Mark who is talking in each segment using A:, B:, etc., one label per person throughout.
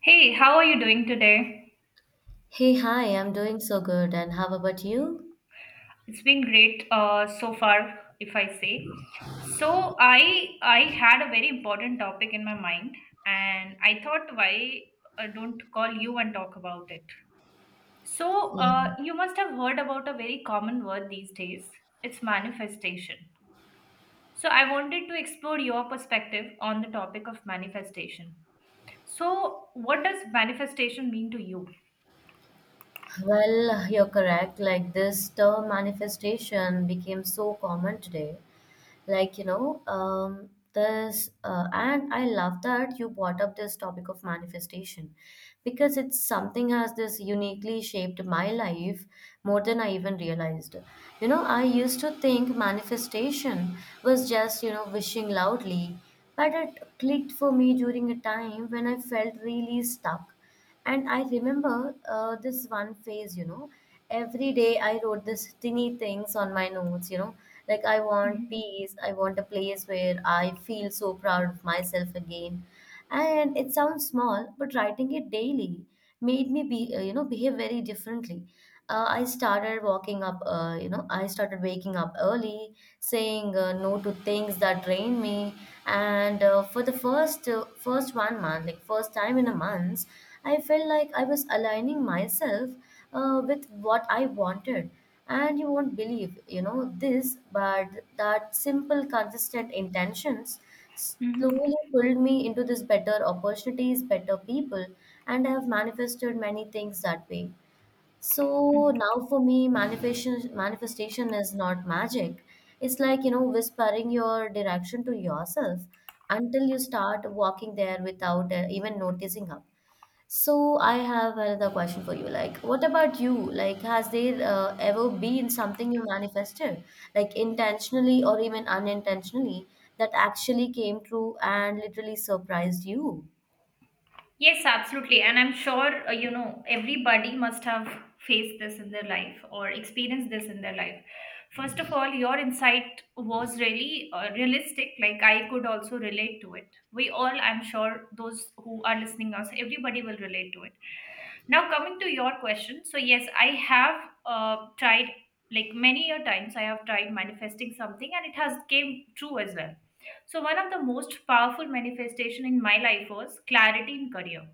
A: Hey, how are you doing today?
B: Hey, hi, I'm doing so good. And how about you?
A: It's been great so far, if I say. So I had a very important topic in my mind, and I thought why don't call you and talk about it. So
B: Mm.
A: uh, you must have heard about a very common word these days. It's manifestation. So I wanted to explore your perspective on the topic of manifestation. So what does manifestation mean to you?
B: Well, you're correct. Like, this term manifestation became so common today. And I love that you brought up this topic of manifestation because it's something has this uniquely shaped my life more than I even realized. You know, I used to think manifestation was just, you know, wishing loudly, but it clicked for me during a time when I felt really stuck and I remember this one phase, you know, every day I wrote this tiny things on my notes, you know, like I want
A: Hmm.
B: peace, I want a place where I feel so proud of myself again. And it sounds small, but writing it daily made me be you know behave very differently. I started walking up, you know, I started waking up early, saying no to things that drain me, and for the first one month, like first time in a month, I felt like I was aligning myself with what I wanted. And you won't believe, you know, this, but that simple, consistent intentions slowly pulled me into this better opportunities, better people, and I have manifested many things that way.
A: Hmm.
B: So now for me, manifestation is not magic. It's like, you know, whispering your direction to yourself until you start walking there without even noticing up. So I have another question for you. Like, what about you? Like, has there ever been something you manifested, like intentionally or even unintentionally, that actually came true and literally surprised you?
A: Yes, absolutely. And I'm sure, everybody must have faced this in their life or experienced this in their life. First of all, your insight was really realistic. Like, I could also relate to it. We all, I'm sure, those who are listening us, everybody will relate to it. Now, coming to your question. So, yes, I have tried, like, many a times, I have tried manifesting something and it has came true as well. So one of the most powerful manifestation in my life was clarity in career.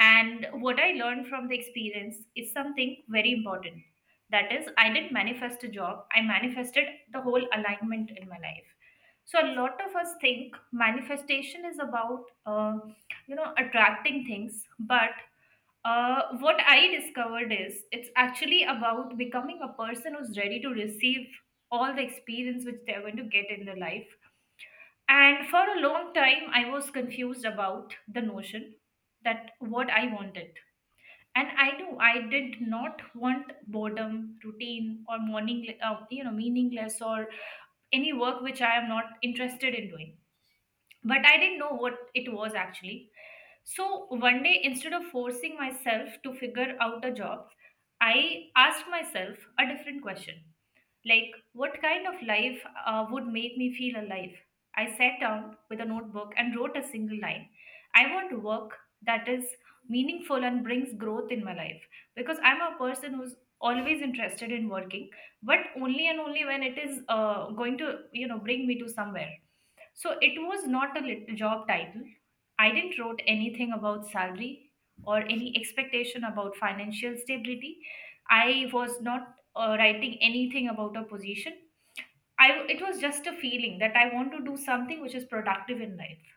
A: And what I learned from the experience is something very important. That is, I didn't manifest a job, I manifested the whole alignment in my life. So a lot of us think manifestation is about attracting things, but what I discovered is it's actually about becoming a person who's ready to receive all the experience which they're going to get in their life. And for a long time, I was confused about the notion that what I wanted. And I knew I did not want boredom, routine, or morning, meaningless or any work which I am not interested in doing. But I didn't know what it was actually. So one day, instead of forcing myself to figure out a job, I asked myself a different question, like, what kind of life would make me feel alive? I sat down with a notebook and wrote a single line. I want work that is meaningful and brings growth in my life, because I'm a person who's always interested in working, but only and only when it is going to, bring me to somewhere. So it was not a job title. I didn't wrote anything about salary or any expectation about financial stability. I was not writing anything about a position. I it was just a feeling that I want to do something which is productive in life.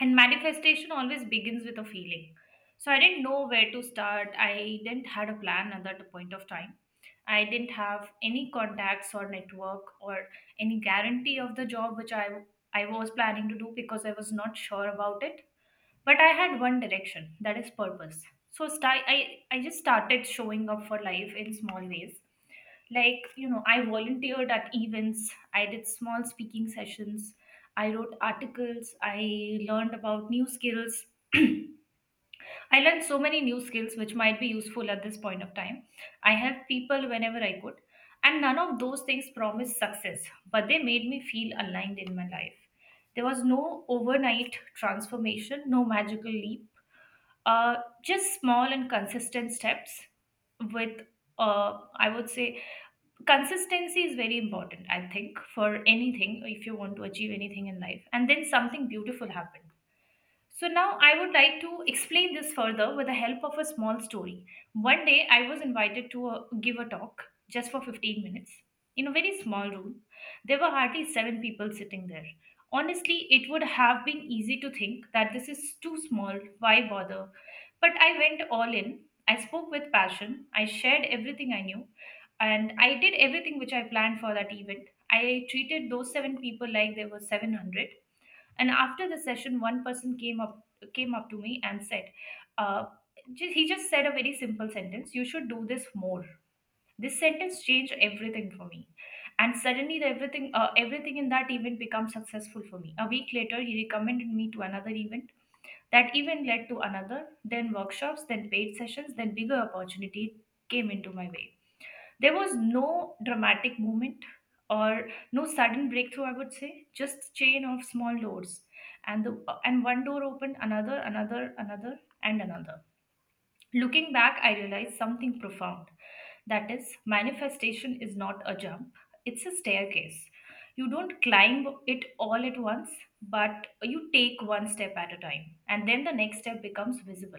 A: And manifestation always begins with a feeling. So I didn't know where to start. I didn't had a plan at that point of time. I didn't have any contacts or network or any guarantee of the job which I was planning to do because I was not sure about it. But I had one direction, that is purpose. So I just started showing up for life in small ways, like, you know, I volunteered at events, I did small speaking sessions, I wrote articles, I learned about new skills. I learned so many new skills which might be useful at this point of time. I helped people whenever I could. And none of those things promised success, but they made me feel aligned in my life. There was no overnight transformation, no magical leap, uh, just small and consistent steps with, I would say, consistency is very important, I think, for anything if you want to achieve anything in life. And then something beautiful happened. So now I would like to explain this further with the help of a small story. One day I was invited to give a talk just for 15 minutes in a very small room. There were hardly seven people sitting there. Honestly, it would have been easy to think that this is too small, why bother? But I went all in. I spoke with passion. I shared everything I knew. And I did everything which I planned for that event. I treated those seven people like there were 700. And after the session, one person came up to me and said, uh, he just said a very simple sentence. You should do this more. This sentence changed everything for me, and suddenly the everything everything in that event became successful for me. A week later, he recommended me to another event. That event led to another, then workshops, then paid sessions, then bigger opportunity came into my way. There was no dramatic moment or no sudden breakthrough, I would say, just chain of small doors. And one door opened, another, another, another, and another. Looking back, I realized something profound. That is, manifestation is not a jump, it's a staircase. You don't climb it all at once, but you take one step at a time, and then the next step becomes visible.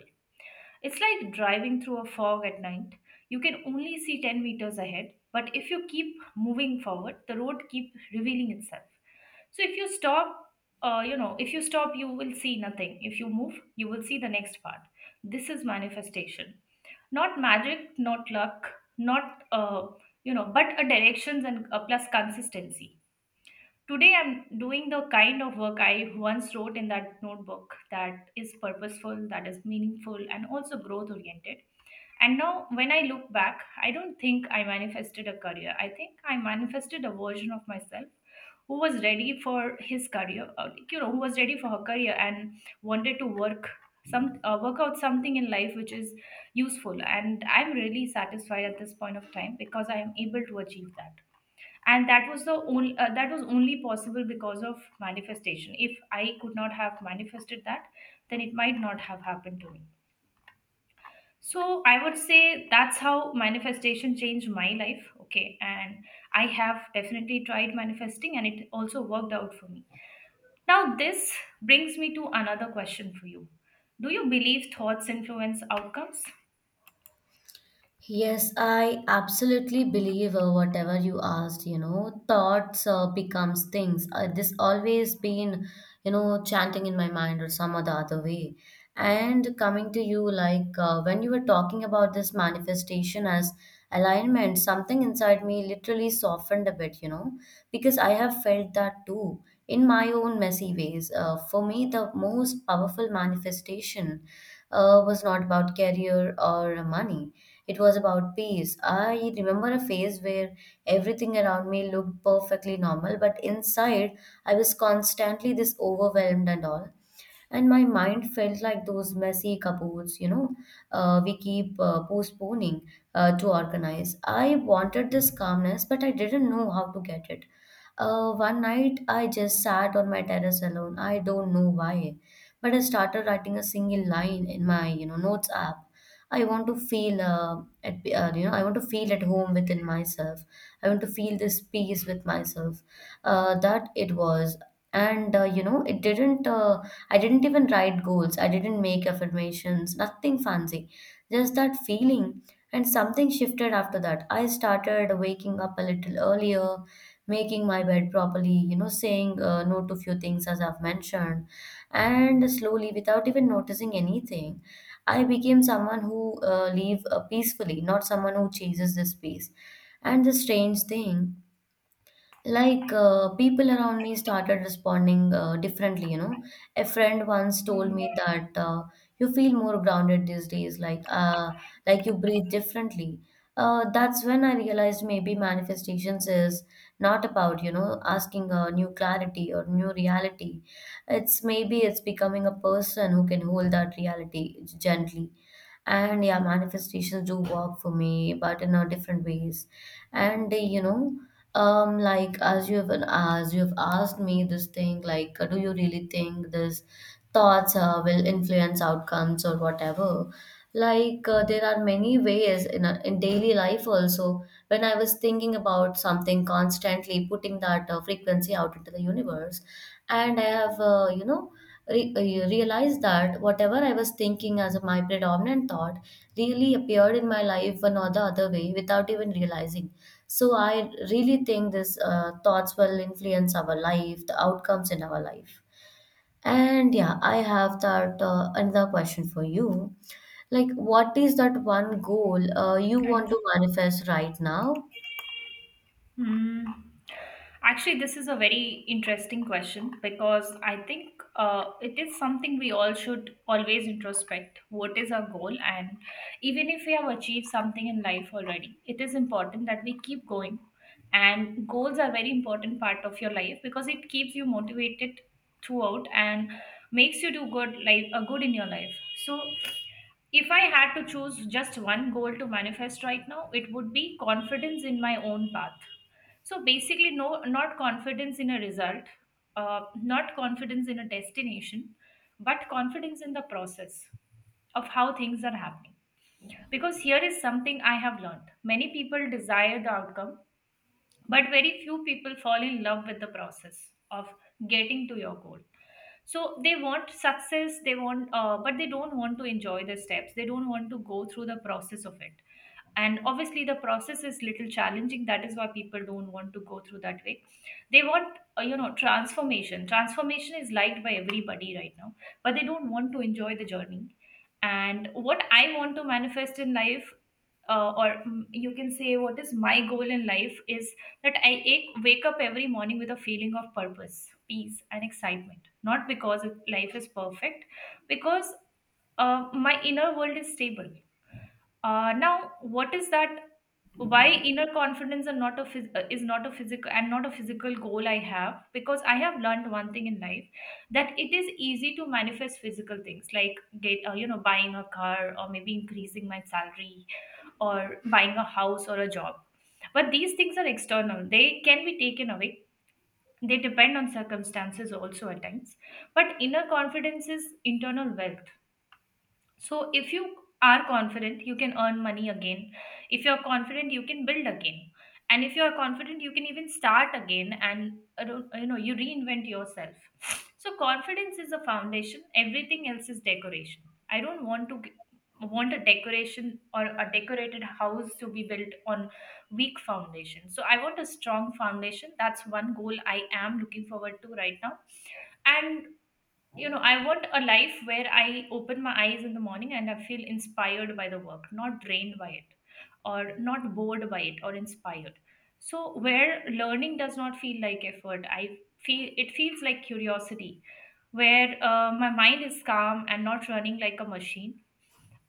A: It's like driving through a fog at night. You can only see 10 meters ahead, but if you keep moving forward, the road keep revealing itself. So if you stop, you know, if you stop, you will see nothing. If you move, you will see the next part. This is manifestation. Not magic, not luck, not, but a directions and plus consistency. Today, I'm doing the kind of work I once wrote in that notebook, that is purposeful, that is meaningful, and also growth oriented. And now, when I look back, I don't think I manifested a career. I think I manifested a version of myself who was ready for his career, or, like, who was ready for her career and wanted to work some work out something in life which is useful. And I'm really satisfied at this point of time because I am able to achieve that. And that was only possible because of manifestation. If I could not have manifested that, then it might not have happened to me. So I would say that's how manifestation changed my life. Okay. And I have definitely tried manifesting and it also worked out for me. Now, this brings me to another question for you. Do you believe thoughts influence outcomes?
B: Yes, I absolutely believe whatever you asked, you know, thoughts becomes things. This always been, you know, chanting in my mind or some other way. And coming to you, like when you were talking about this manifestation as alignment, something inside me literally softened a bit, you know, because I have felt that too in my own messy ways. For me, the most powerful manifestation was not about career or money. It was about peace. I remember a phase where everything around me looked perfectly normal, but inside I was constantly this overwhelmed and all and my mind felt like those messy cupboards, you know, we keep postponing to organize. I wanted this calmness, but I didn't know how to get it. One night, I just sat on my terrace alone. I don't know why, but I started writing a single line in my, you know, notes app. I want to feel at you know I want to feel at home within myself. I want to feel this peace with myself that it was and you know it didn't I didn't even write goals, I didn't make affirmations, nothing fancy, just that feeling. And something shifted after that. I started waking up a little earlier, making my bed properly, you know, saying no to few things as I've mentioned, and slowly, without even noticing anything, I became someone who live peacefully, not someone who chases this peace. And the strange thing, people around me started responding differently, you know, a friend once told me
A: Mm,
B: that you feel more grounded these days, like you breathe differently. Uh, that's when I realized maybe manifestations is not about, you know, asking a new clarity or new reality. It's maybe it's becoming a person who can hold that reality gently, and yeah, manifestations do work for me, but in a different ways. And you know like as you have asked me this thing, do you really think this thoughts will influence outcomes or whatever, there are many ways in a, in daily life also. When I was thinking about something constantly, putting that frequency out into the universe, and I have you know re- realized that whatever I was thinking as my predominant thought really appeared in my life one or the other way without even realizing. So I really think this thoughts will influence our life, the outcomes in our life. And yeah, I have that another question for you. Like, what is that one goal you want
A: right.
B: to manifest right now?
A: Hmm. Actually, this is a very interesting question because I think it is something we all should always introspect. What is our goal? And even if we have achieved something in life already, it is important that we keep going. And goals are very important part of your life because it keeps you motivated throughout and makes you do good life, good in your life. So, if I had to choose just one goal to manifest right now, it would be confidence in my own path. So basically, no, not confidence in a result, not confidence in a destination, but confidence in the process of how things are happening. Because here is something I have learned: many people desire the outcome, but very few people fall in love with the process of getting to your goal. So they want success, they want, but they don't want to enjoy the steps, they don't want to go through the process of it. And obviously the process is little challenging, that is why people don't want to go through that way. They want, transformation. Transformation is liked by everybody right now, but they don't want to enjoy the journey. And what I want to manifest in life, you can say, what is my goal in life, is that I wake up every morning with a feeling of purpose, peace, and excitement. Not because life is perfect, because my inner world is stable. Now, what is that? Why inner confidence and not a physical goal I have? Because I have learned one thing in life, that it is easy to manifest physical things like get you know buying a car or maybe increasing my salary or buying a house or a job. But these things are external, they can be taken away. They depend on circumstances also at times. But inner confidence is internal wealth. So if you are confident, you can earn money again. If you're confident, you can build again. And if you're confident, you can even start again and you reinvent yourself. So confidence is a foundation. Everything else is decoration. I don't want to want a decoration or a decorated house to be built on weak foundation. So I want a strong foundation. That's one goal I am looking forward to right now. And I want a life where I open my eyes in the morning and I feel inspired by the work, not drained by it, or not bored by it, or inspired. So where learning does not feel like effort, I feel it feels like curiosity, where my mind is calm and not running like a machine,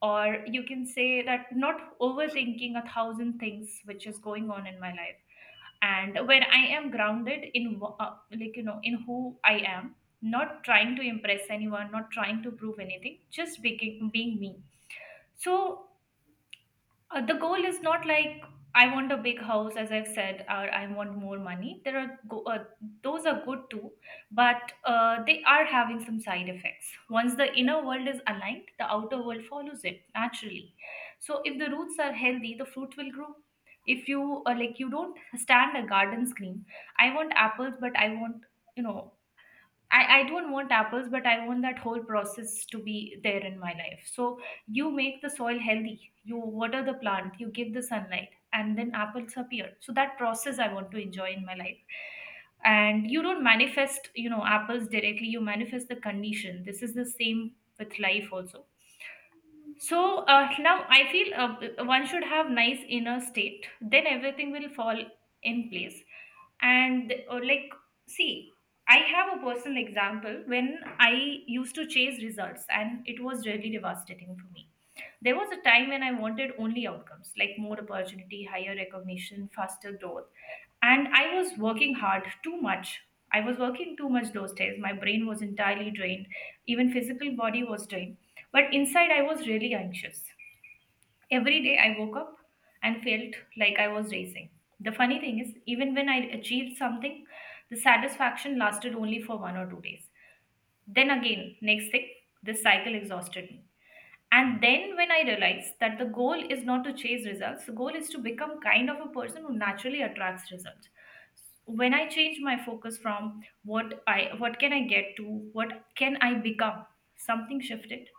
A: or you can say that not overthinking a thousand things which is going on in my life, and where I am grounded in in who I am, not trying to impress anyone, not trying to prove anything, just being me. So the goal is not like I want a big house, as I've said, or I want more money. Those are good too, but they are having some side effects. Once the inner world is aligned, the outer world follows it naturally. So if the roots are healthy, the fruit will grow. If you like, you don't stand a garden scream. I want apples, but you know I don't want apples, but I want that whole process to be there in my life. So you make the soil healthy, you water the plant, you give the sunlight, and then apples appear. So that process I want to enjoy in my life. And you don't manifest, you know, apples directly, you manifest the condition. This is the same with life also. So now I feel one should have nice inner state. Then everything will fall in place. And or like, see, I have a personal example when I used to chase results, and it was really devastating for me. There was a time when I wanted only outcomes, like more opportunity, higher recognition, faster growth, and I was working hard too much. I was working too much those days. My brain was entirely drained. Even physical body was drained, but inside, I was really anxious. Every day, I woke up and felt like I was racing. The funny thing is, even when I achieved something, the satisfaction lasted only for 1 or 2 days. Then again, next thing, this cycle exhausted me. And then when I realized that the goal is not to chase results, the goal is to become kind of a person who naturally attracts results. When I changed my focus from what can I get to what can I become, something shifted.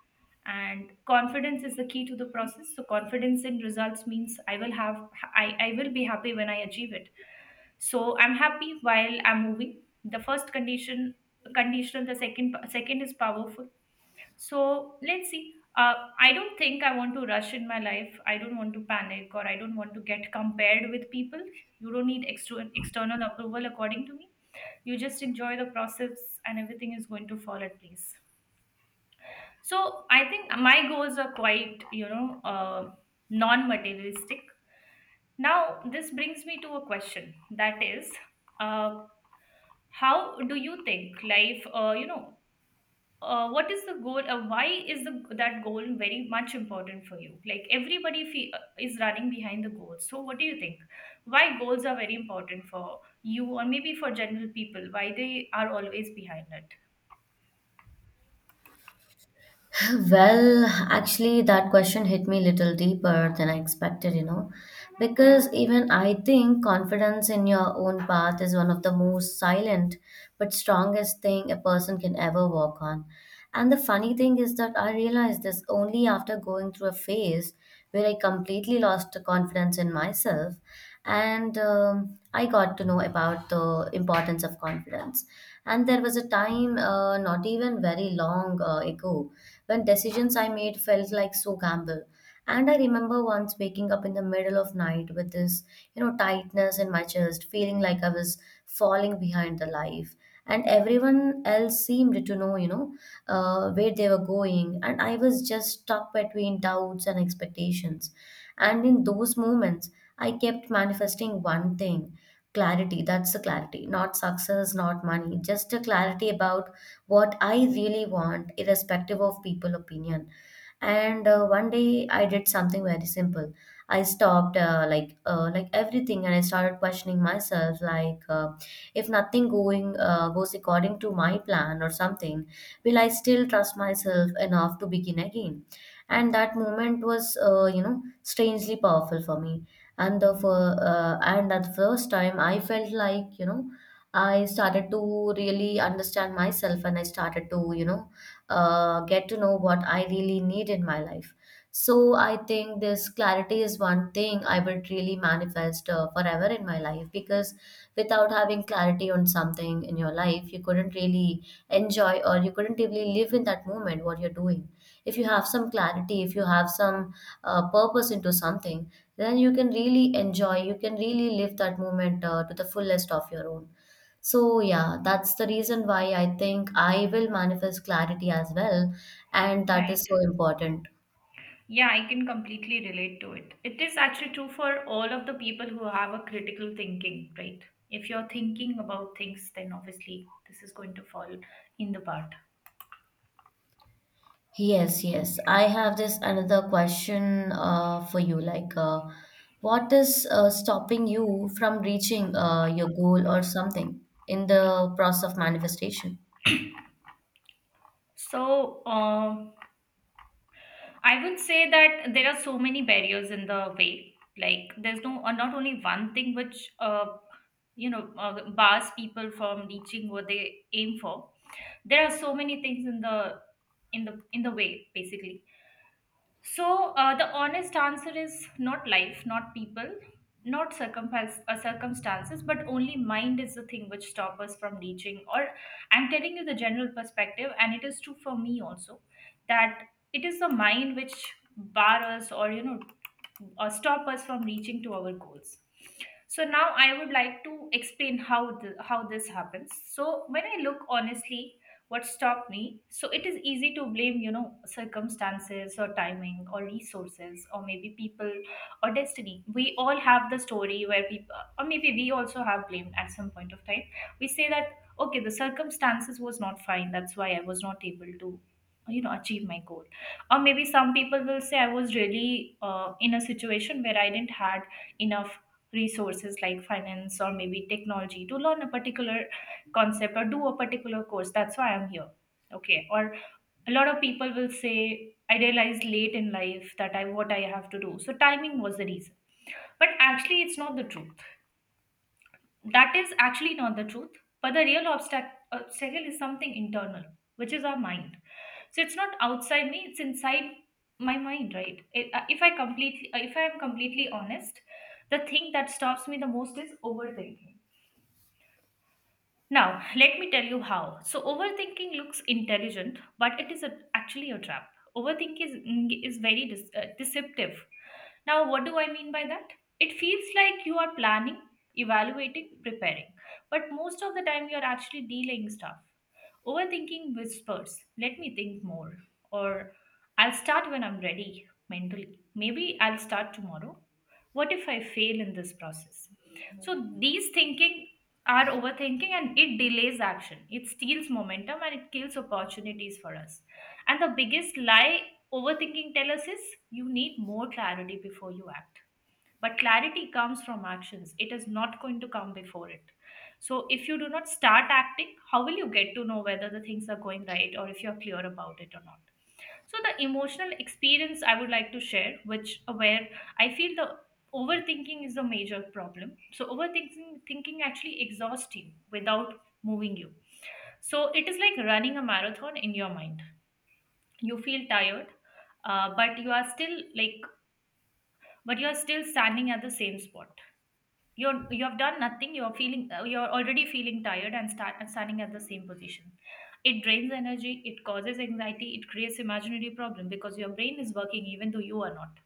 A: And confidence is the key to the process. So confidence in results means I will be happy when I achieve it. So I'm happy while I'm moving. The first conditional, the second is powerful, so let's see. I don't think I want to rush in my life. I don't want to panic, or I don't want to get compared with people. You don't need external approval, according to me. You just enjoy the process and everything is going to fall at place. So I think my goals are quite, you know, non materialistic. Now, this brings me to a question that is, uh, how do you think life, what is the goal, why is the that goal very much important for you, like everybody is running behind the goals? So what do you think, why goals are very important for you, or maybe for general people, why they are always behind it?
B: Well, actually, that question hit me a little deeper than I expected, you know, because even I think confidence in your own path is one of the most silent but strongest thing a person can ever walk on. And the funny thing is that I realized this only after going through a phase where I completely lost confidence in myself. And I got to know about the importance of confidence. And there was a time, not even very long ago, when decisions I made felt like so gamble. And I remember once waking up in the middle of night with this, you know, tightness in my chest, feeling like I was falling behind the life. And everyone else seemed to know, you know, where they were going. And I was just stuck between doubts and expectations. And in those moments, I kept manifesting one thing: clarity. That's the clarity, not success, not money, just a clarity about what I really want, irrespective of people opinion. And one day I did something very simple. I stopped like everything, and I started questioning myself, if nothing going goes according to my plan or something, will I still trust myself enough to begin again? And that moment was you know strangely powerful for me. And the fir- and at the first time, I felt like you know I started to really understand myself, and I started to you know get to know what I really need in my life. So I think this clarity is one thing I would really manifest forever in my life, because without having clarity on something in your life, you couldn't really enjoy or you couldn't really live in that moment what you're doing. If you have some clarity, if you have some purpose into something, then you can really enjoy, you can really live that moment to the fullest of your own. So, yeah, that's the reason why I think I will manifest clarity as well. And that
A: Right.
B: is so important.
A: Yeah, I can completely relate to it. It is actually true for all of the people who have a critical thinking, right? If you're thinking about things, then obviously this is going to fall in the part.
B: Yes, yes. I have this another question for you. Like, what is stopping you from reaching your goal or something in the process of manifestation?
A: So I would say that there are so many barriers in the way. Like there's no not only one thing which bars people from reaching what they aim for. There are so many things in the in the way basically. So the honest answer is not life, not people, not circumstances, but only mind is the thing which stop us from reaching. Or I'm telling you the general perspective, and it is true for me also that it is the mind which bar us, or or stop us from reaching to our goals. So now I would like to explain how this happens. So when I look honestly what stopped me, so it is easy to blame, you know, circumstances or timing or resources or maybe people or destiny. We all have the story where people, or maybe we also have blamed at some point of time. We say that okay, the circumstances was not fine, that's why I was not able to, you know, achieve my goal. Or maybe some people will say I was really in a situation where I didn't had enough resources, like finance or maybe technology to learn a particular concept or do a particular course, that's why I'm here. Okay, or a lot of people will say I realized late in life that I what I have to do, so timing was the reason. But actually it's not the truth. That is actually not the truth, but the real obstacle is something internal, which is our mind. So it's not outside me, it's inside my mind, right? If I am completely honest, the thing that stops me the most is overthinking. Now, let me tell you how. So, overthinking looks intelligent, but actually a trap. Overthinking is very deceptive. Now, what do I mean by that? It feels like you are planning, evaluating, preparing, but most of the time you are actually delaying stuff. Overthinking whispers, let me think more, or I'll start when I'm ready mentally. Maybe I'll start tomorrow. What if I fail in this process? So, these thinking are overthinking, and it delays action. It steals momentum and it kills opportunities for us. And the biggest lie overthinking tells us is you need more clarity before you act. But clarity comes from actions, it is not going to come before it. So if you do not start acting, how will you get to know whether the things are going right or if you're clear about it or not? So the emotional experience I would like to share, which where I feel the overthinking is a major problem. So overthinking thinking actually exhausts you without moving you. So it is like running a marathon in your mind. You feel tired, uh, but you are still like but you are still standing at the same spot. You have done nothing, you're feeling you're already feeling tired and start and standing at the same position. It drains energy, it causes anxiety, it creates imaginary problem, because your brain is working even though you are not.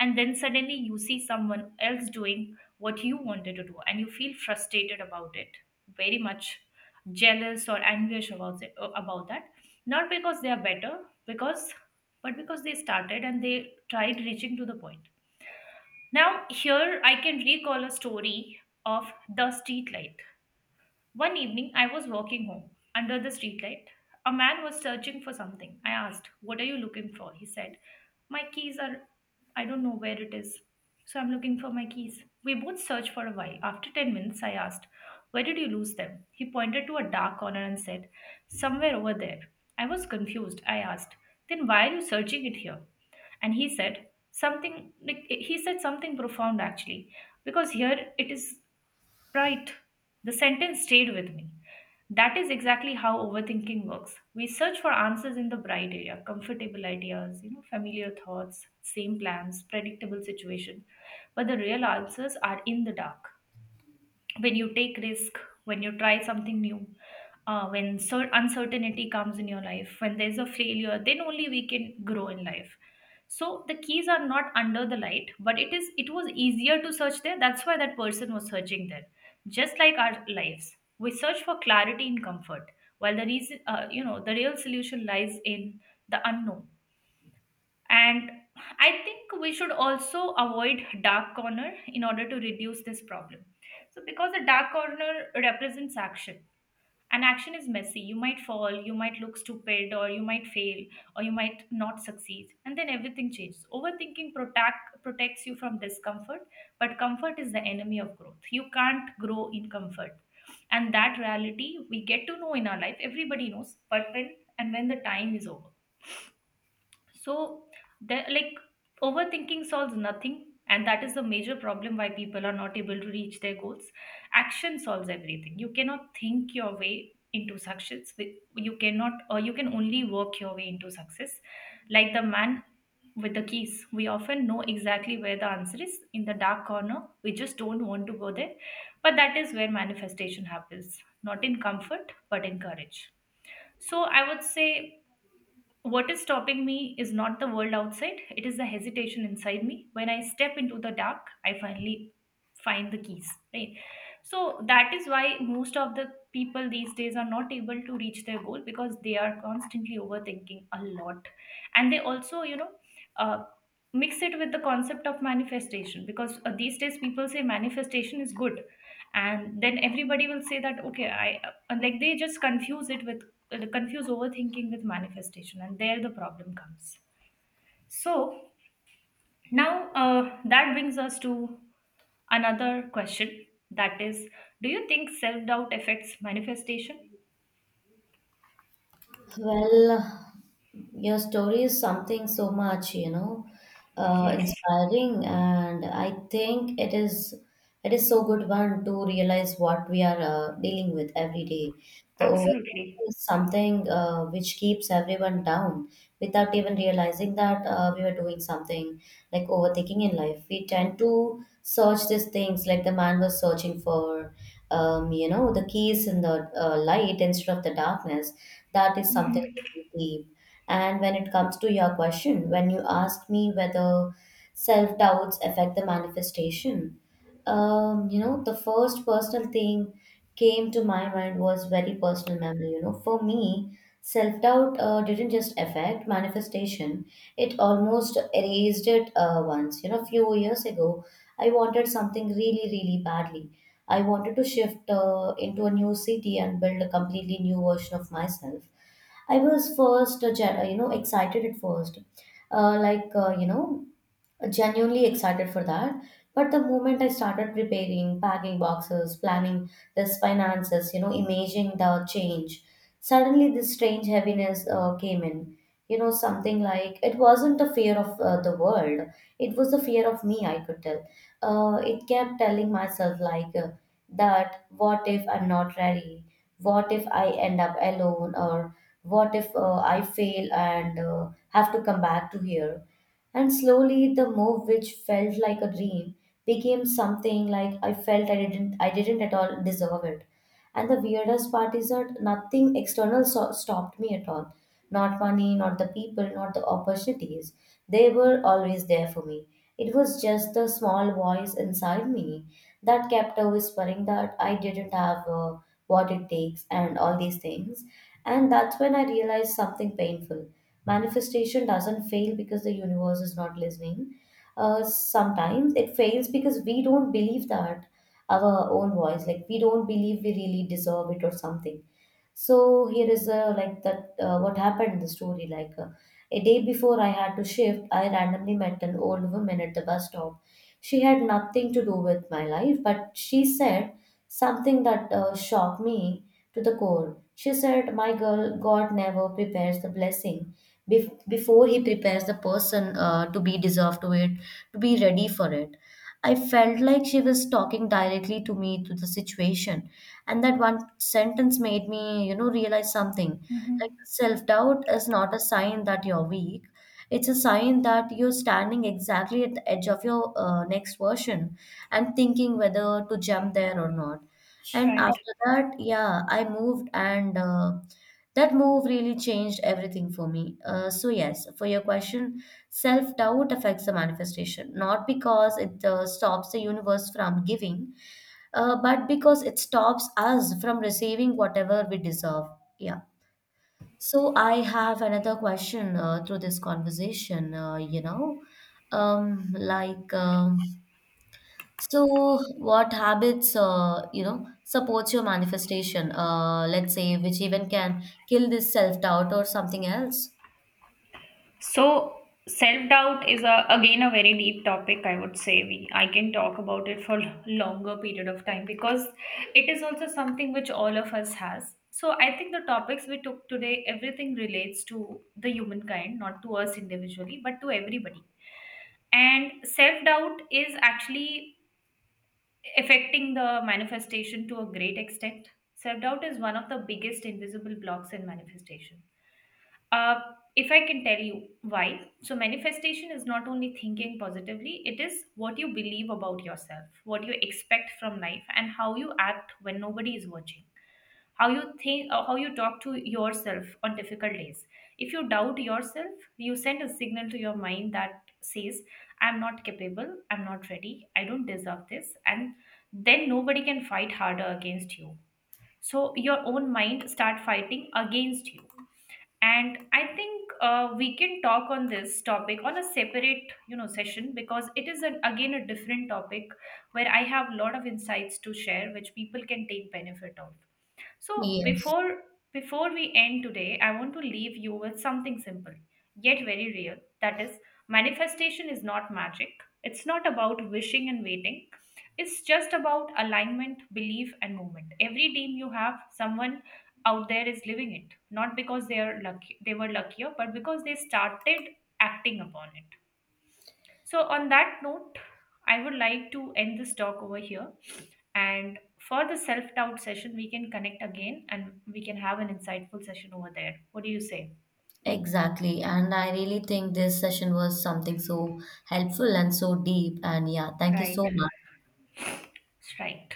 A: And then suddenly you see someone else doing what you wanted to do and you feel frustrated about it, very much jealous or anguish about it, about that. Not because they are better, because, but because they started and they tried reaching to the point. Now, here I can recall a story of the streetlight. One evening, I was walking home under the streetlight. A man was searching for something. I asked, "What are you looking for?" He said, "My keys are, I don't know where it is. So I'm looking for my keys." We both searched for a while. After 10 minutes, I asked, "Where did you lose them?" He pointed to a dark corner and said, "Somewhere over there." I was confused. I asked, "Then why are you searching it here?" And he said something profound actually, because here it is. Right. The sentence stayed with me. That is exactly how overthinking works. We search for answers in the bright area, comfortable ideas, you know, familiar thoughts, same plans, predictable situation. But the real answers are in the dark, when you take risk, when you try something new, when uncertainty comes in your life, when there's a failure, then only we can grow in life. So the keys are not under the light, but it is, it was easier to search there, that's why that person was searching there. Just like our lives, we search for clarity and comfort, while the reason, the real solution lies in the unknown. And I think we should also avoid dark corner in order to reduce this problem. So, because a dark corner represents action, and action is messy. You might fall, you might look stupid, or you might fail, or you might not succeed, and then everything changes. Overthinking protect protects you from discomfort, but comfort is the enemy of growth. You can't grow in comfort, and that reality we get to know in our life. Everybody knows, but when and when the time is over. So, there, like, overthinking solves nothing, and that is the major problem why people are not able to reach their goals. Action solves everything. You cannot think your way into success. You cannot, or you can only work your way into success. Like the man with the keys, we often know exactly where the answer is in the dark corner. We just don't want to go there, but that is where manifestation happens, not in comfort, but in courage. So I would say what is stopping me is not the world outside, it is the hesitation inside me. When I step into the dark, I finally find the keys, right? So that is why most of the people these days are not able to reach their goal because they are constantly overthinking a lot. And they also, you know, uh, mix it with the concept of manifestation because these days people say manifestation is good. And then everybody will say that okay, I like they just confuse it with confuse overthinking with manifestation, and there the problem comes. So, now that brings us to another question, that is, do you think self doubt affects manifestation?
B: Well, your story is something so much, you know,
A: Yes,
B: inspiring, and I think it is so good one to realize what we are dealing with every day. The
A: absolutely.
B: overthinking is something which keeps everyone down without even realizing that we were doing something like overthinking in life. We tend to search these things like the man was searching for, you know, the keys in the light instead of the darkness. That is something really deep. And when it comes to your question, when you asked me whether self doubts affect the manifestation, you know, the first personal thing came to my mind was very personal memory. You know, for me, self doubt didn't just affect manifestation; it almost erased it once. You know, few years ago, I wanted something really, really badly. I wanted to shift into a new city and build a completely new version of myself. I was first, je- you know, excited at first, like You know, genuinely excited for that. But the moment I started preparing, packing boxes, planning this finances, you know, imagining the change, suddenly this strange heaviness came in. You know, something like it wasn't the fear of the world, it was the fear of me, I could tell. It kept telling myself, that what if I'm not ready? What if I end up alone? Or what if I fail and have to come back to here? And slowly the move which felt like a dream became something like I felt I didn't at all deserve it. And the weirdest part is that nothing external stopped me at all. Not money, not the people, not the opportunities. They were always there for me. It was just the small voice inside me that kept a whispering that I didn't have what it takes and all these things. And that's when I realized something painful. Manifestation doesn't fail because the universe is not listening. Sometimes it fails because we don't believe that our own voice, like we don't believe we really deserve it or something. So here is like that what happened in the story. A day before I had to shift, I randomly met an old woman at the bus stop. She had nothing to do with my life, but she said something that shocked me to the core. She said, "My girl, God never prepares the blessing before He prepares the person to be deserved to it, to be ready for it." I felt like she was talking directly to me to the situation, and that one sentence made me, you know, realize something. Like,
A: Mhm.
B: self-doubt is not a sign that you're weak. It's a sign that you're standing exactly at the edge of your next version and thinking whether to jump there or not. And
A: Right.
B: after that, yeah, I moved, and that move really changed everything for me. So, yes, for your question, self doubt affects the manifestation, not because it stops the universe from giving, but because it stops us from receiving whatever we deserve. Yeah. So I have another question through this conversation, um, like, um, so what habits, you know, supports your manifestation, let's say, which even can kill this self-doubt or something else?
A: So self-doubt is a, again a very deep topic, I would say. We, I can talk about it for longer period of time, because it is also something which all of us has. So I think the topics we took today, everything relates to the humankind, not to us individually, but to everybody. And self-doubt is actually affecting the manifestation to a great extent. Self-doubt is one of the biggest invisible blocks in manifestation, uh, if I can tell you why. So, manifestation is not only thinking positively, it is what you believe about yourself, what you expect from life, and how you act when nobody is watching. How you think, how you talk to yourself on difficult days. If you doubt yourself, you send a signal to your mind that says, I'm not capable, I'm not ready, I don't deserve this. And then nobody can fight harder against you. So, your own mind start fighting against you. And I think we can talk on this topic on a separate, you know, session, because it is an, again a different topic where I have a lot of insights to share which people can take benefit of. So
B: Yes.
A: before, before we end today, I want to leave you with something simple yet very real. That is, manifestation is not magic. It's not about wishing and waiting. It's just about alignment, belief, and movement. Every dream you have, someone out there is living it, not because they are lucky, they were luckier, but because they started acting upon it. So, on that note, I would like to end this talk over here. And for the self doubt session, we can connect again and we can have an insightful session over there. What do you say?
B: Exactly. And I really think this session was something so helpful and so deep. And yeah, thank you so
A: Right,
B: much.
A: right.